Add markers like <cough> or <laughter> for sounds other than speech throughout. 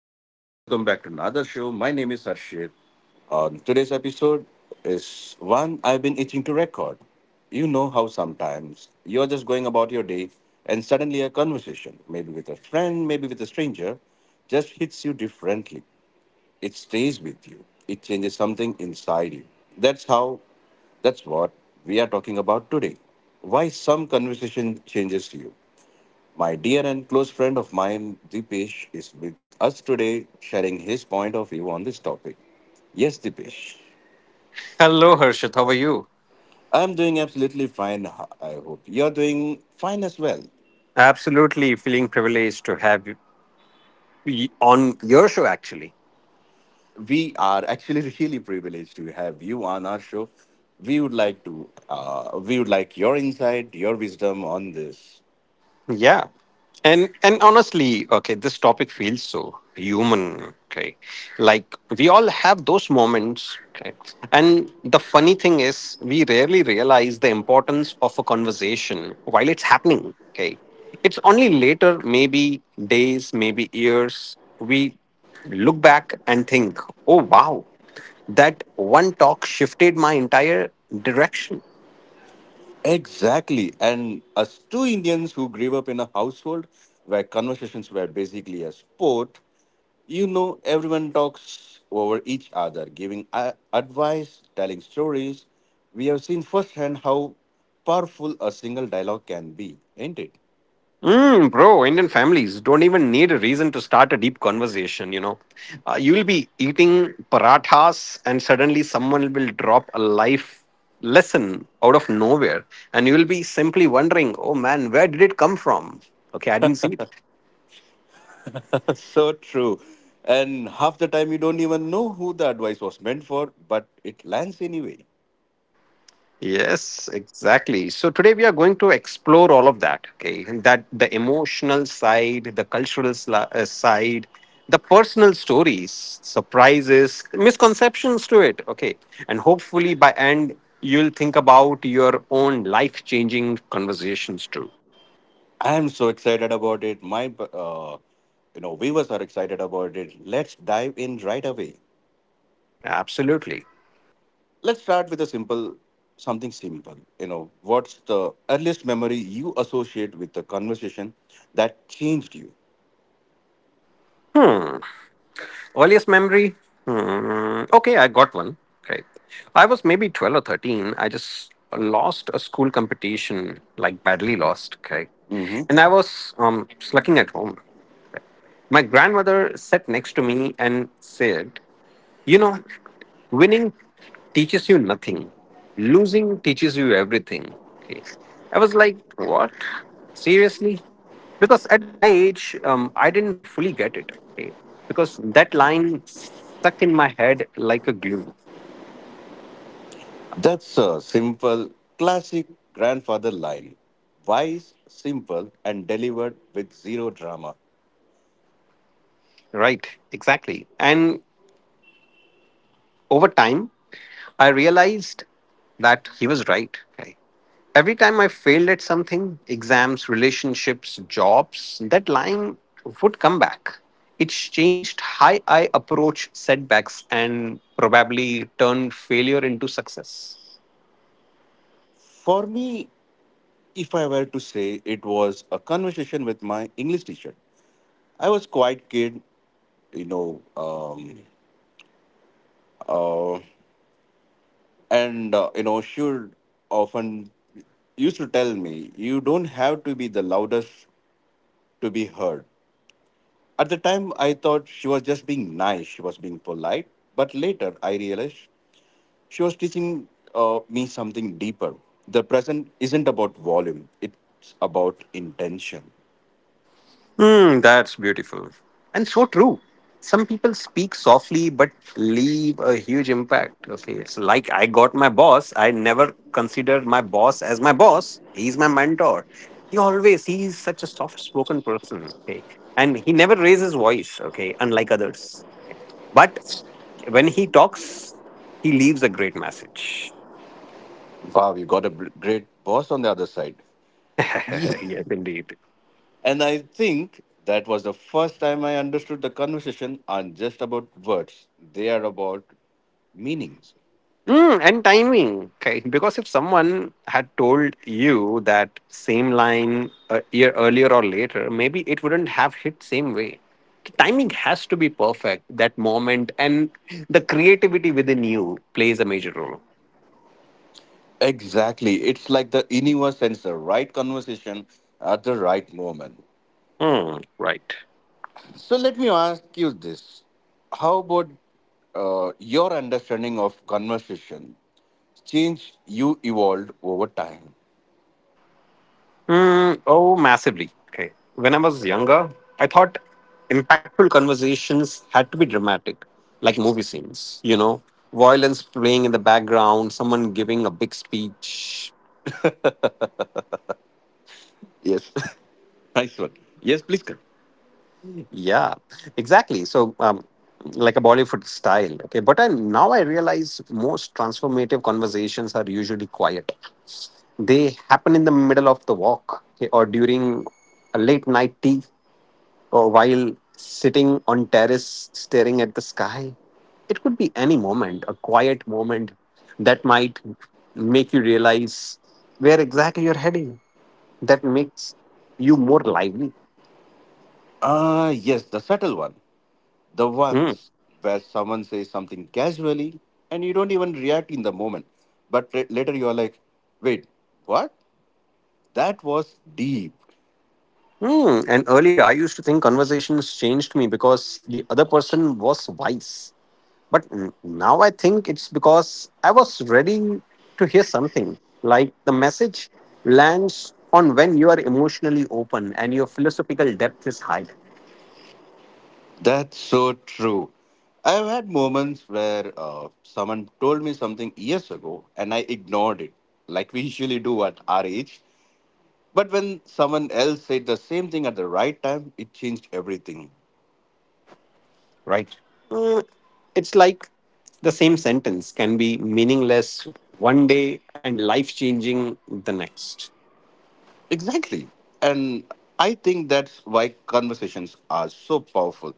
All right, welcome back to another show. My name is Harshit. On today's episode is one I've been itching to record. You know how sometimes you're just going about your day and suddenly a conversation, maybe with a friend, maybe with a stranger, just hits you differently. It stays with you. It changes something inside you. That's how that's what we are talking about today. Why some conversation changes you. My dear and close friend of mine, Dipesh, is with us today sharing his point of view on this topic. Yes, Dipesh. Hello, Harshit. How are you? I'm doing absolutely fine. I hope you're doing fine as well. Absolutely feeling privileged to have you on your show, actually. We are actually <laughs> really privileged to have you on our show. We would like your insight, your wisdom on this. Yeah. And honestly, okay, this topic feels so human, okay? Like we all have those moments, okay? And the funny thing is, we rarely realize the importance of a conversation while it's happening, okay? It's only later, maybe days, maybe years, we look back and think, "Oh, wow. That one talk shifted my entire direction. Exactly. And us two Indians who grew up in a household where conversations were basically a sport, you know, everyone talks over each other, giving advice, telling stories. We have seen firsthand how powerful a single dialogue can be, ain't it? Mm, bro, Indian families don't even need a reason to start a deep conversation, you know. You'll be eating parathas, and suddenly someone will drop a life lesson out of nowhere, and you'll be simply wondering, oh man, where did it come from? Okay, I didn't see it. <laughs> So true. And half the time you don't even know who the advice was meant for, but it lands anyway. Yes, exactly. So today we are going to explore all of that. Okay, and that the emotional side, the cultural side, the personal stories, surprises, misconceptions to it. Okay, and hopefully by end you'll think about your own life-changing conversations too. I'm so excited about it. My viewers are excited about it. Let's dive in right away. Absolutely. Let's start with something simple. You know, what's the earliest memory you associate with the conversation that changed you? Earliest memory? Hmm. Okay, I got one. Right. I was maybe 12 or 13. I just lost a school competition, like badly lost. Okay. Hmm. And I was slucking at home. My grandmother sat next to me and said, "You know, winning teaches you nothing. Losing teaches you everything." Okay. I was like, what? Seriously? Because at my age, I didn't fully get it. Okay. Because that line stuck in my head like a glue. That's a simple, classic grandfather line. Wise, simple, and delivered with zero drama. Right. Exactly. And over time, I realized that he was right, right? Every time I failed at something, exams, relationships, jobs, that line would come back. It's changed how I approach setbacks and probably turned failure into success. For me, if I were to say, it was a conversation with my English teacher. I was quite kid. You know um, and uh, you know she would often used to tell me, "You don't have to be the loudest to be heard." At the time, I thought she was just being nice, she was being polite, but later I realized she was teaching me something deeper: the present isn't about volume, it's about intention. Hmm, that's beautiful. And so true. Some people speak softly but leave a huge impact. Okay. It's like I got my boss. I never considered my boss as my boss. He's my mentor. He's such a soft spoken person. Okay. And he never raises voice, okay, unlike others. But when he talks, he leaves a great message. Wow, you got a great boss on the other side. <laughs> Yes, indeed. And I think that was the first time I understood the conversation aren't just about words, they are about meanings. Mm, and timing. Okay. Because if someone had told you that same line a year earlier or later, maybe it wouldn't have hit same way. The timing has to be perfect, that moment, and the creativity within you plays a major role. Exactly. It's like the universe sends the right conversation at the right moment. Hmm, right. So let me ask you this. How about your understanding of conversation change you evolved over time? Mm, oh, massively. Okay. When I was younger, I thought impactful conversations had to be dramatic, like movie scenes, you know, violence playing in the background, someone giving a big speech. Yes. <laughs> Nice one. Yes, please, Karan. Yeah, exactly. So, like a Bollywood style. Okay, but I now I realize most transformative conversations are usually quiet. They happen in the middle of the walk, okay, or during a late night tea, or while sitting on terrace staring at the sky. It could be any moment, a quiet moment that might make you realize where exactly you're heading. That makes you more lively. Ah, yes, the subtle one. The Hmm. ones where someone says something casually and you don't even react in the moment, but later you are like, wait, what? That was deep. Hmm. And earlier, I used to think conversations changed me because the other person was wise. But now I think it's because I was ready to hear something. Like the message lands on when you are emotionally open and your philosophical depth is high, That's so true. I've had moments where someone told me something years ago and I ignored it, like we <laughs> usually do at our age. But when someone else said the same thing at the right time, it changed everything. right? Hmm, it's like the same sentence can be meaningless one day and life changing the next. Exactly. And I think that's why conversations are so powerful.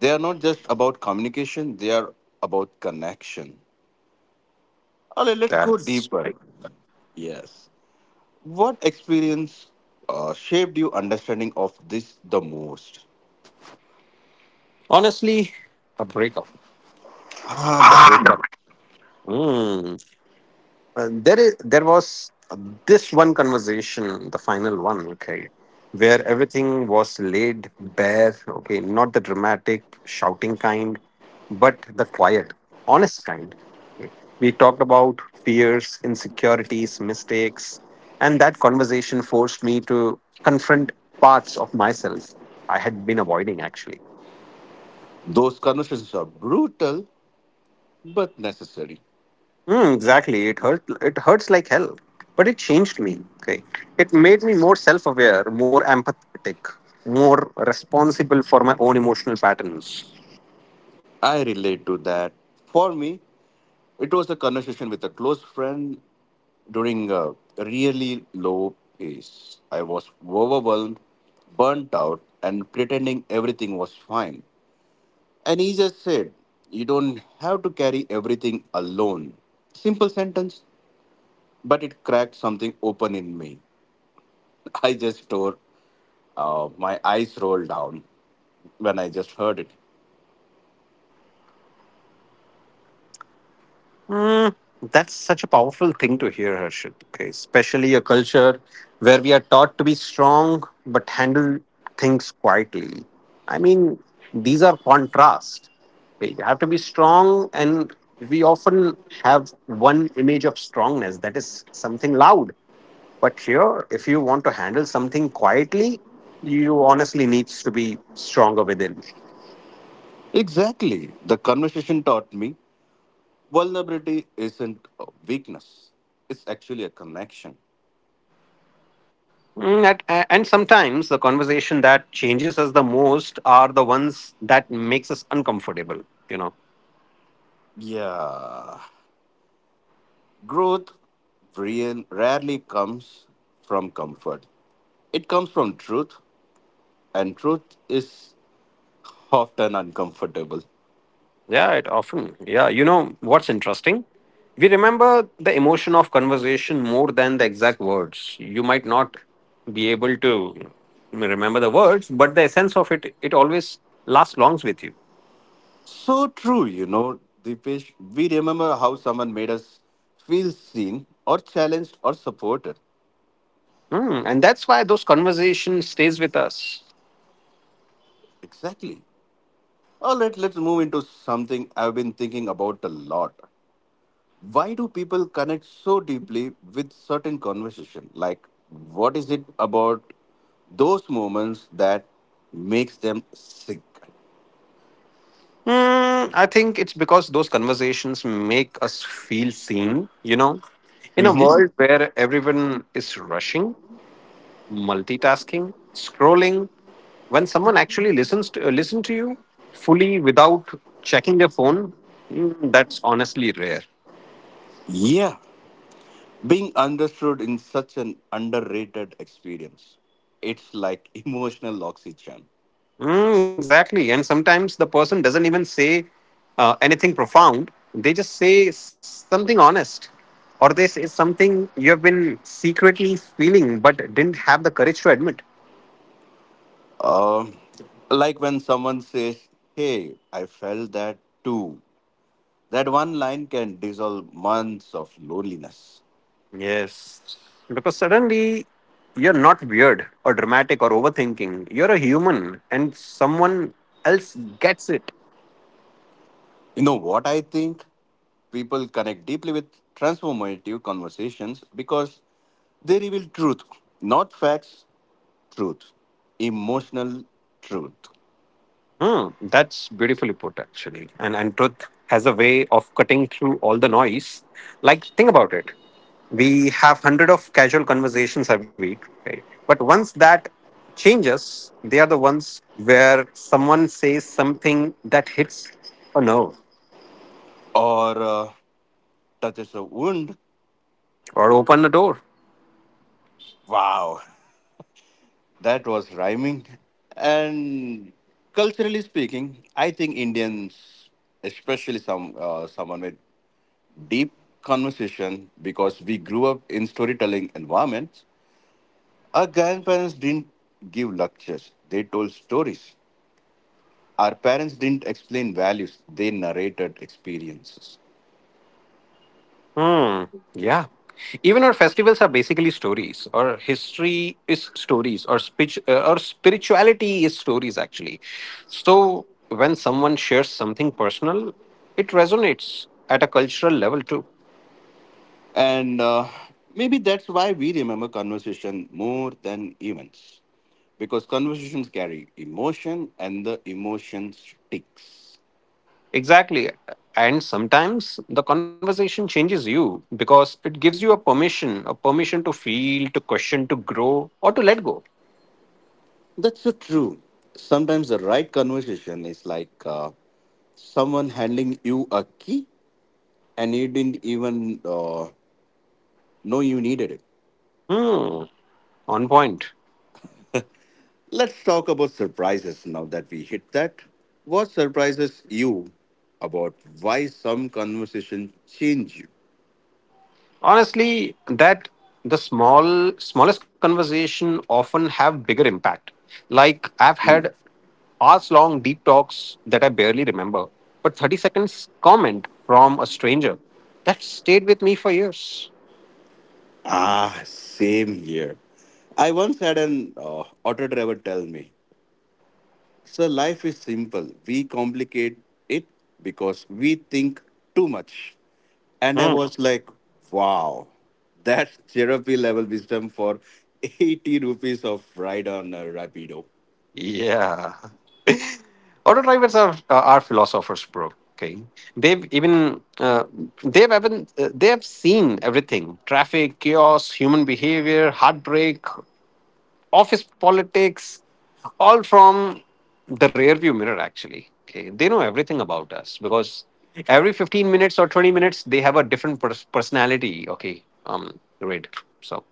They are not just about communication, they are about connection. All right, let's go That's deeper. right. Yes. What experience shaped your understanding of this the most? Honestly, a breakup. Ah, the breakup. Hmm. And there was this one conversation, the final one, okay, where everything was laid bare, okay, not the dramatic shouting kind, but the quiet, honest kind. Okay. We talked about fears, insecurities, mistakes, and that conversation forced me to confront parts of myself I had been avoiding actually. Those conversations are brutal but necessary. Hmm, exactly. It hurt. It hurts like hell, but it changed me. Okay, it made me more self-aware, more empathetic, more responsible for my own emotional patterns. I relate to that. For me, it was a conversation with a close friend during a really low pace. I was overwhelmed, burnt out, and pretending everything was fine. And he just said, "You don't have to carry everything alone." Simple sentence, but it cracked something open in me. <laughs> I just tore, my eyes rolled down when I just heard it. That's such a powerful thing to hear, Harshit. Okay, especially a culture where we are taught to be strong but handle things quietly. I mean, these are contrast. Okay, you have to be strong, and we often have one image of strongness that is something loud. But here, if you want to handle something quietly, you honestly needs to be stronger within. Exactly. The conversation taught me vulnerability isn't a weakness, it's actually a connection. Mm, and sometimes the conversation that changes us the most are the ones that makes us uncomfortable. You know, Yeah. Growth Brian rarely comes from comfort. It comes from truth, and truth is often uncomfortable. yeah, it often. Yeah, you know what's interesting? We remember the emotion of conversation more than the exact words. You might not be able to remember the words, but the essence of it always lasts longs with you. So true, you know, Deepesh. We remember how someone made us feel seen or challenged or supported. Mm, and that's why those conversations stays with us. Exactly. All right, let's move into something I've been thinking about a lot. Why do people connect so deeply with certain conversation? Like, what is it about those moments that makes them sick? Mm, I think it's because those conversations make us feel seen, you know. In a Mhm. world where everyone is rushing, multitasking, scrolling, when someone actually listen to you fully without checking their phone, mm, that's honestly rare. Yeah, being understood in such an underrated experience. It's like <laughs> emotional oxygen. Mm, exactly. And sometimes the person doesn't even say anything profound. They just say something honest, or they say something you have been secretly feeling but didn't have the courage to admit. Um, like when someone says, "Hey, I felt that too." That one line can dissolve months of loneliness. Yes. Because suddenly you're not weird or dramatic or overthinking. You're a human, and someone else gets it. You know what I think? People connect deeply with transformative conversations because they reveal truth, not facts, truth, emotional truth, Mm, that's beautifully put, actually. And truth has a way of cutting through all the noise. Like think about it. We have hundred of casual conversations every week, right? But once that changes, they are the ones where someone says something that hits a nerve or touches a wound. or open a door. Wow. <laughs> That was rhyming. And culturally speaking, I think Indians, especially someone with deep conversation, because we grew up in storytelling environments. Our grandparents didn't give lectures, they told stories. Our parents didn't explain values, they narrated experiences. Hmm. Yeah. Even our festivals are basically stories, or history is stories, or speech, or spirituality is stories actually. So when someone shares something personal, it resonates at a cultural level too. And maybe that's why we remember conversation more than events. Because conversations carry emotion and the emotion sticks. Exactly. And sometimes the conversation changes you because it gives you a permission to feel, to question, to grow, or to let go. That's so true. Sometimes the right conversation is like someone handing you a key and you didn't even know you needed it. Hmm. On point. Let's talk about surprises now that we hit that. What surprises you about why some conversation change you? Honestly, that the smallest conversation often have bigger impact. Like I've had hours long deep talks that I barely remember, but 30 seconds comment from a stranger that stayed with me for years. Ah, same here. I once had an auto driver tell me, "Sir, life is simple. We complicate it because we think too much." And I Hmm. was like, wow, that's therapy level wisdom for 80 rupees of ride on a Rapido. Yeah, auto drivers are philosophers bro, okay. They've even uh, they've even uh, they have seen everything, traffic chaos, human behavior, heartbreak, office politics, all from the rear view mirror actually, okay. They know everything about us because every 15 minutes or 20 minutes they have a different personality, okay, um, read so.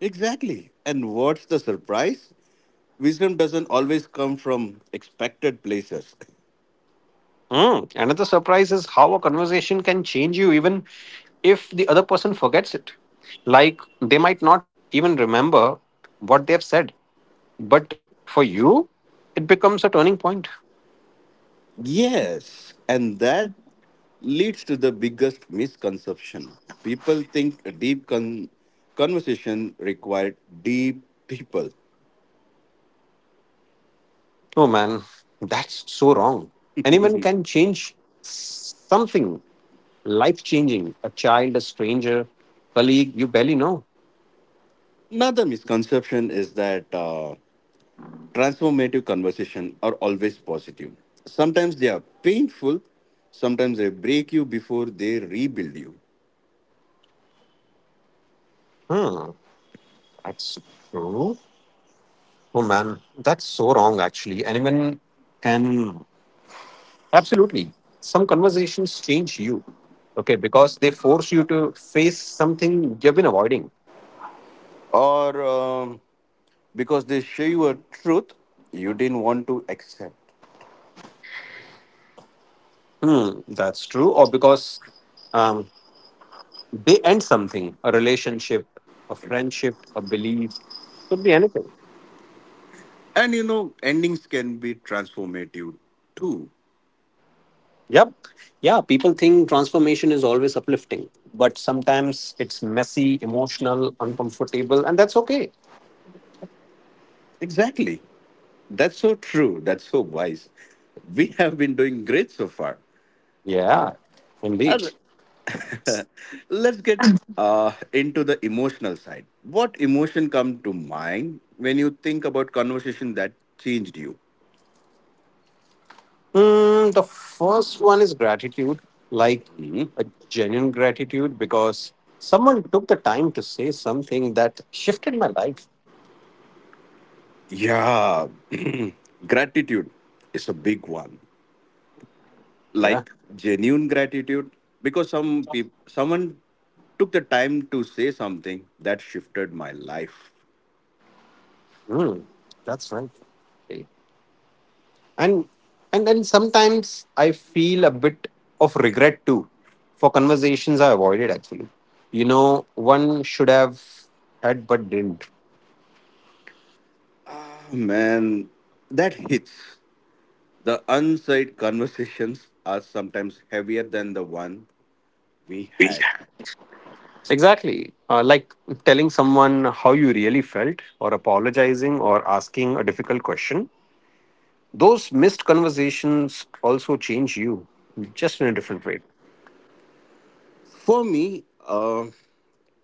Exactly. And what's the surprise? Wisdom doesn't always come from expected places. <laughs> Mm, another surprise is how a conversation can change you even if the other person forgets it. Like they might not even remember what they've said, but for you it becomes a turning point. Yes, and that leads to the biggest misconception. People think a deep conversation required deep people. Oh man, that's so wrong. Anyone can change something life changing. A child, a stranger, colleague you barely know. Another misconception is that transformative conversation are always positive. Sometimes they are painful, sometimes they break you before they rebuild you. Hmm, that's true. Oh man, that's so wrong actually. Anyone can. Absolutely. Some conversations change you, okay, because they force you to face something you've been avoiding. Or because they show you a truth you didn't want to accept. Hmm, that's true. Or because Um, they end something, a relationship, a friendship, a belief, could be anything. And endings can be transformative too. Yep. Yeah, people think transformation is always uplifting, but sometimes it's messy, emotional, uncomfortable, and that's okay. Exactly. That's so true. That's so wise. We have been doing great so far. Uh, Yeah, uh, indeed. <laughs> Let's get into the emotional side. What emotion come to mind when you think about conversation that changed you? Mm, the first one is gratitude, like Mhm. a genuine gratitude because someone took the time to say something that shifted my life. Yeah, <clears throat> gratitude is a big one. Yeah, Like genuine gratitude, because some people, someone took the time to say something that shifted my life. mm, that's right. Okay. and and then sometimes I feel a bit of regret too for conversations I avoided actually. You know one should have had but didn't. Ah, man, that hits. The unsaid conversations are sometimes heavier than the one we had. Exactly, like telling someone how you really felt or apologizing or asking a difficult question, those missed conversations also change you, just in a different way. For me,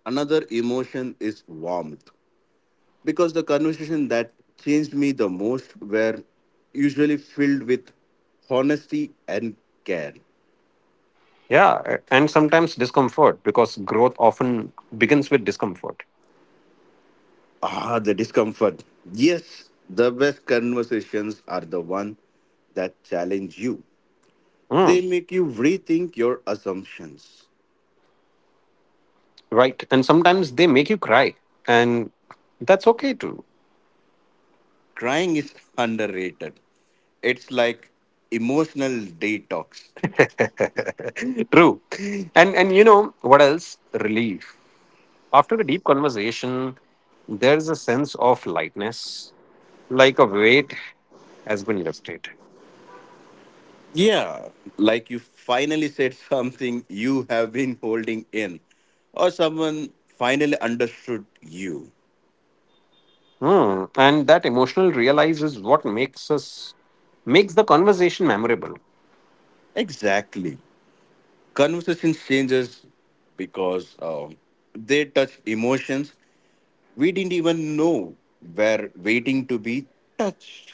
another emotion is warmth because the conversation that changed me the most were usually filled with honesty and care. Yeah, and sometimes discomfort because growth often begins with discomfort. Ah, the discomfort. Yes, the best conversations are the one that challenge you. Hmm, They make you rethink your assumptions. right? And sometimes they make you cry, and that's okay too. Crying is underrated. It's like emotional detox. <laughs> True. And you know what else? Relief. After a deep conversation, there's a sense of lightness, like a weight has been lifted. Yeah, like you finally said something you have been holding in, or someone finally understood you. Hmm. And that emotional realize is what makes the conversation memorable. Exactly. Conversations changes because they touch emotions we didn't even know were waiting to be touched.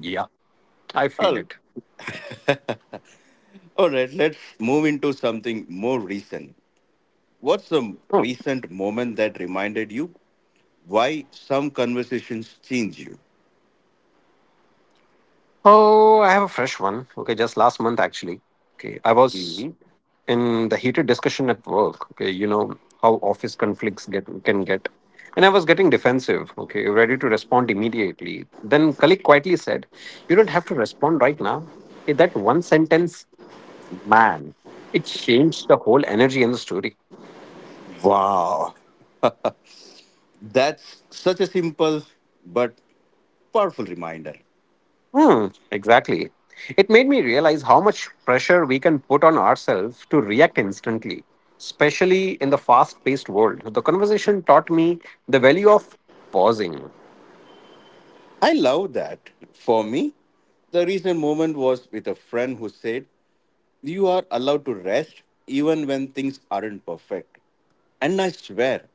Yeah, I feel All, it. all right, let's move into something more recent. What's the Hmm. recent moment that reminded you why some conversations change you? Oh, I have a fresh one. Okay, just last month actually. Okay, I was in the heated discussion at work, okay, you know how office conflicts get can get. And I was getting defensive, okay, ready to respond immediately. Then colleague quietly said, you don't have to respond right now, okay, that one sentence, man, it changed the whole energy in the story. Wow. That's such a simple but powerful reminder. Hmm, exactly, it made me realize how much pressure we can put on ourselves to react instantly, especially in the fast paced world. The conversation taught me the value of pausing. I love that. For me, the recent moment was with a friend who said, "You are allowed to rest even when things aren't perfect." And I swear,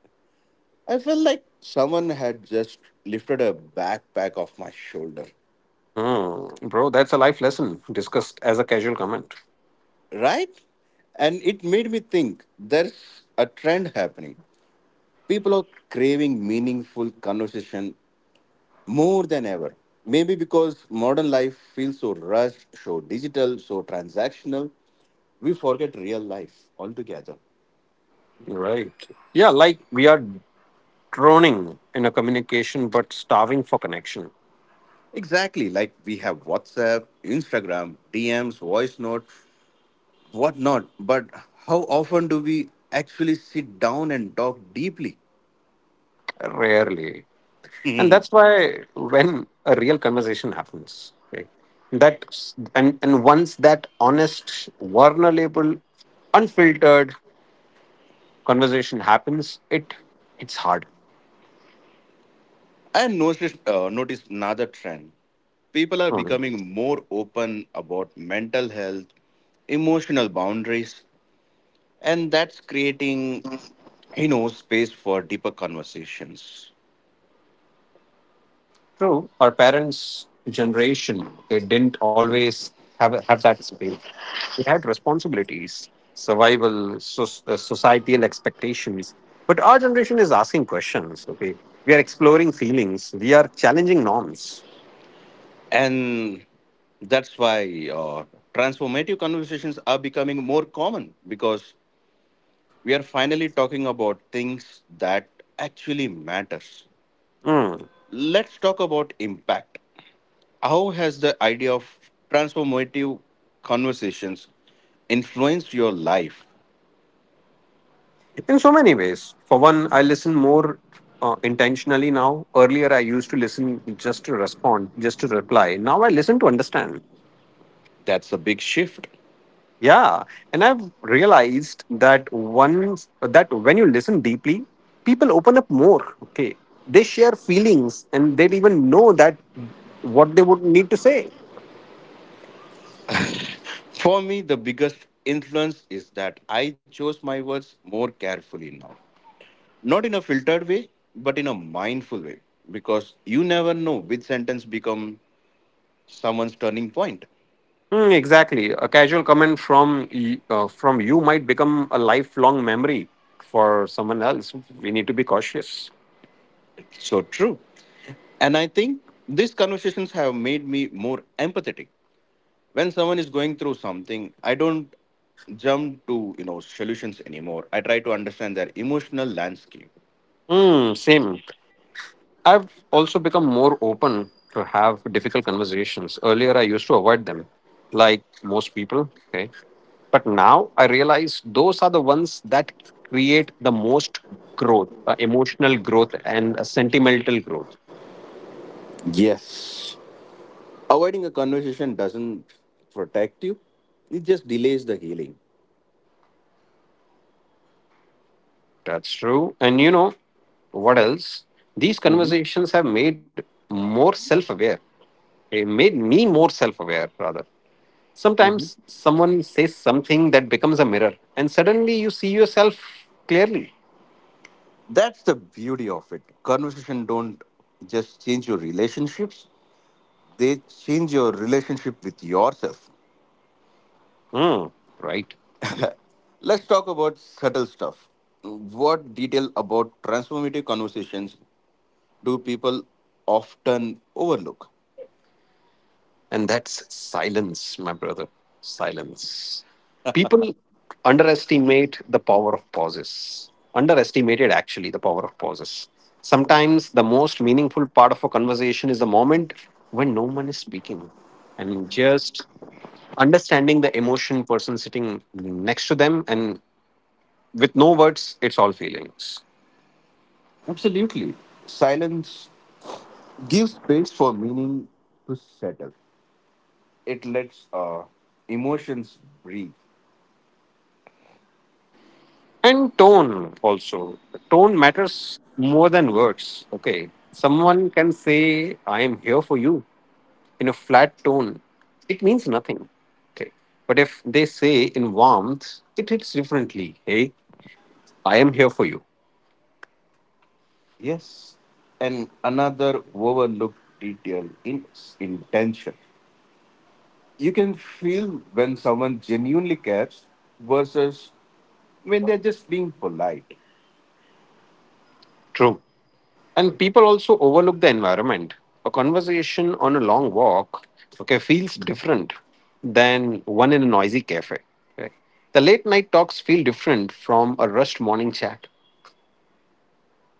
I felt like someone had just lifted a backpack off my shoulder. Mm, bro, that's a life lesson discussed as a casual comment. Right? And it made me think there's a trend happening. People are craving meaningful conversation more than ever. Maybe because modern life feels so rushed, so digital, so transactional, we forget real life altogether. Right. Yeah, like we are droning in a communication but starving for connection. Exactly, like we have WhatsApp, Instagram, DMs, voice note, whatnot. But how often do we actually sit down and talk deeply? Rarely. And that's why when a real conversation happens, okay, that and once that honest, vulnerable, unfiltered conversation happens, it's hard. And notice another trend. People are Hmm. becoming more open about mental health, emotional boundaries, and that's creating space for deeper conversations. True, our parents' generation they didn't always have that space. They had responsibilities, survival, so, societal expectations. But our generation is asking questions. Okay, we are exploring feelings. We are challenging norms. And that's why transformative conversations are becoming more common because we are finally talking about things that actually matters. Mm. Let's talk about impact. How has the idea of transformative conversations influenced your life? In so many ways. For one, I listen more intentionally now. Earlier, I used to listen just to respond, just to reply. Now I listen to understand. That's a big shift. Yeah, and I've realized that once that when you listen deeply, people open up more. Okay, they share feelings, and they even know that what they would need to say. For me, the biggest influence is that I chose my words more carefully now. Not in a filtered way, but in a mindful way. Because you never know which sentence become someone's turning point. Mm, exactly, a casual comment from from you might become a lifelong memory for someone else. We need to be cautious. So true. And I think these conversations have made me more empathetic. When someone is going through something, I don't jump to solutions anymore. I try to understand their emotional landscape. Mm, same. I've also become more open to have difficult conversations. Earlier, I used to avoid them, like most people. Okay. But now I realize those are the ones that create the most growth, emotional growth, and sentimental growth. Yes. Avoiding a conversation doesn't protect you, it just delays the healing. That's true. And you know what else? These Mhm. conversations have made more self aware. It made me more self aware, rather. Mhm. Sometimes someone says something that becomes a mirror, and suddenly you see yourself clearly. That's the beauty of it. Conversation don't just change your relationships, they change your relationship with yourself. Hmm. Right. Let's talk about subtle stuff. What detail about transformative conversations do people often overlook? And that's silence, my brother. Silence. People underestimate the power of pauses. Underestimated, actually, the power of pauses. Sometimes the most meaningful part of a conversation is the moment when no one is speaking and just understanding the emotion person sitting next to them, and with no words, it's all feelings. Absolutely. Silence gives space for meaning to settle. It lets emotions breathe. And tone, also tone matters more than words. Okay, someone can say I am here for you in a flat tone, it means nothing. Okay, but if they say in warmth, it hits differently. Hey, I am here for you. Yes. And another overlooked detail in intention. You can feel when someone genuinely cares versus when they're just being polite. True. And people also overlook the environment. A conversation on a long walk, okay, feels different than one in a noisy cafe. Okay? The late night talks feel different from a rushed morning chat.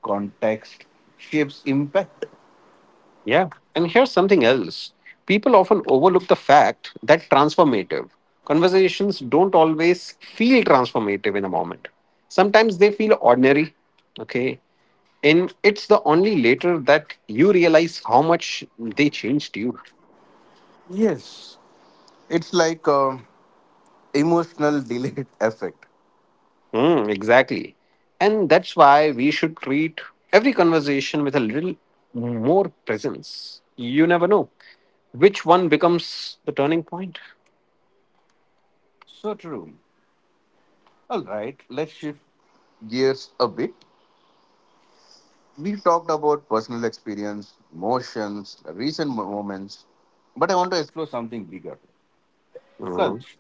Context shapes impact. Yeah. And here's something else, people often overlook the fact that transformative conversations don't always feel transformative in a moment. Sometimes they feel ordinary. Okay. And it's the only later that you realize how much they changed you. Yes. It's like emotional delayed <laughs> effect. Hmm, exactly. And that's why we should treat every conversation with a little more presence. You never know which one becomes the turning point. So true. All right, let's shift gears a bit. We talked about personal experience, emotions, recent moments, but I want to explore something bigger: Mhm. culture.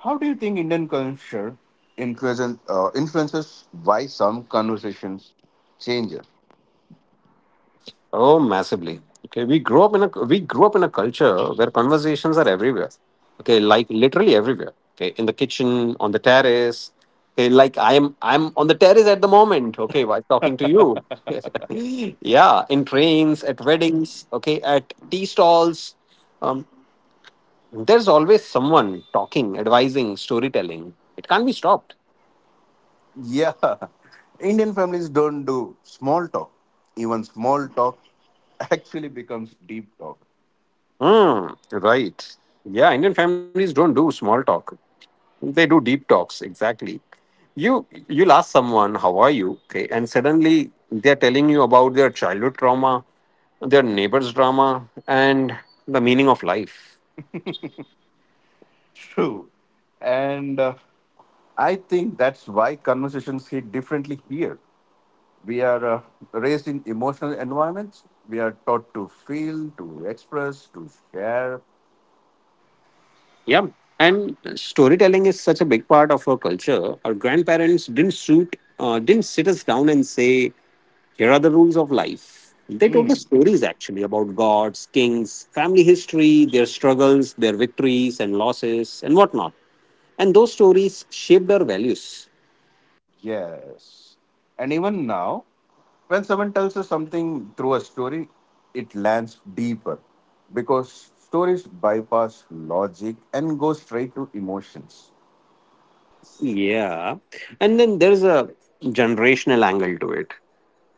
How do you think Indian culture influences why some conversations change? Oh, massively. Okay, we grew up in a culture where conversations are everywhere. Okay, like literally everywhere. Okay, in the kitchen, on the terrace. Okay, like I'm on the terrace at the moment. Okay, while talking to you. <laughs> Yeah, in trains, at weddings. Okay, at tea stalls. Um, there's always someone talking, advising, storytelling. It can't be stopped. Yeah, <laughs> Indian families don't do small talk. Even small talk actually becomes deep talk. Hmm. Right. Yeah, Indian families don't do small talk. They do deep talks, exactly. You'll ask someone, how are you? Okay, and suddenly they're telling you about their childhood trauma, their neighbor's drama, and the meaning of life. True. And I think that's why conversations hit differently here. We are raised in emotional environments. We are taught to feel, to express, to share. Yeah. And storytelling is such a big part of our culture. Our grandparents didn't sit us down and say, here are the rules of life. They told us Hmm. stories actually about gods, kings, family history, their struggles, their victories and losses, and whatnot. And those stories shaped our values. Yes. And even now, when someone tells us something through a story, it lands deeper because stories bypass logic and go straight to emotions. Yeah, and then there's a generational angle to it.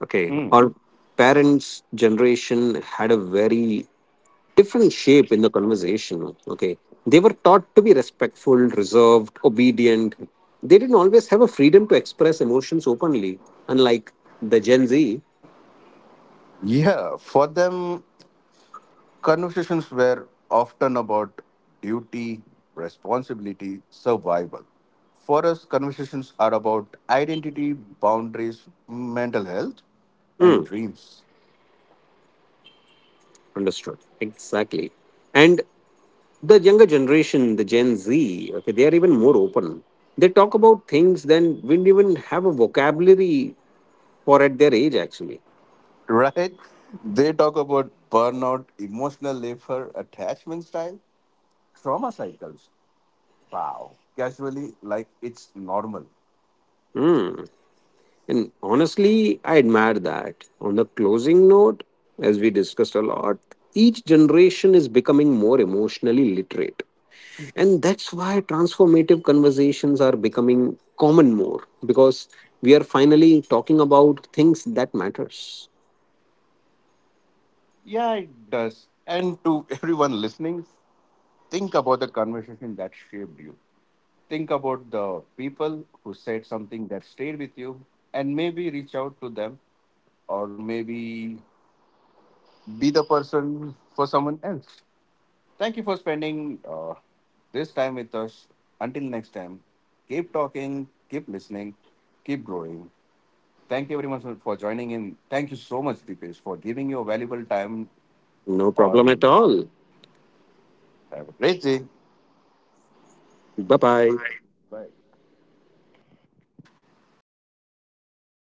Okay, Mm. our parents generation had a very different shape in the conversation. Okay, they were taught to be respectful, reserved, obedient. They didn't always have a freedom to express emotions openly, unlike the Gen Z. Yeah, for them, conversations were often about duty, responsibility, survival. For us, conversations are about identity, boundaries, mental health, and Hmm, dreams. understood, exactly. And the younger generation, the Gen Z, okay, they are even more open. They talk about things then we don't even have a vocabulary for at their age actually. <laughs> Right? They talk about burnout, emotional labor, attachment style, trauma cycles. Wow. Casually, like it's normal. Hmm. And honestly, I admire that. On the closing note, as we discussed a lot, each generation is becoming more emotionally literate. And that's why transformative conversations are becoming common more because we are finally talking about things that matters. Yeah, it does. And to <laughs> everyone listening, think about the conversation that shaped you. Think about the people who said something that stayed with you, and maybe reach out to them, or maybe be the person for someone else. Thank you for spending this time with us. Until next time, keep talking, keep listening, keep growing. Thank you very much for joining in. Thank you so much, Deepesh, for giving your valuable time No problem at on. all. Have a great day. Bye bye. Bye.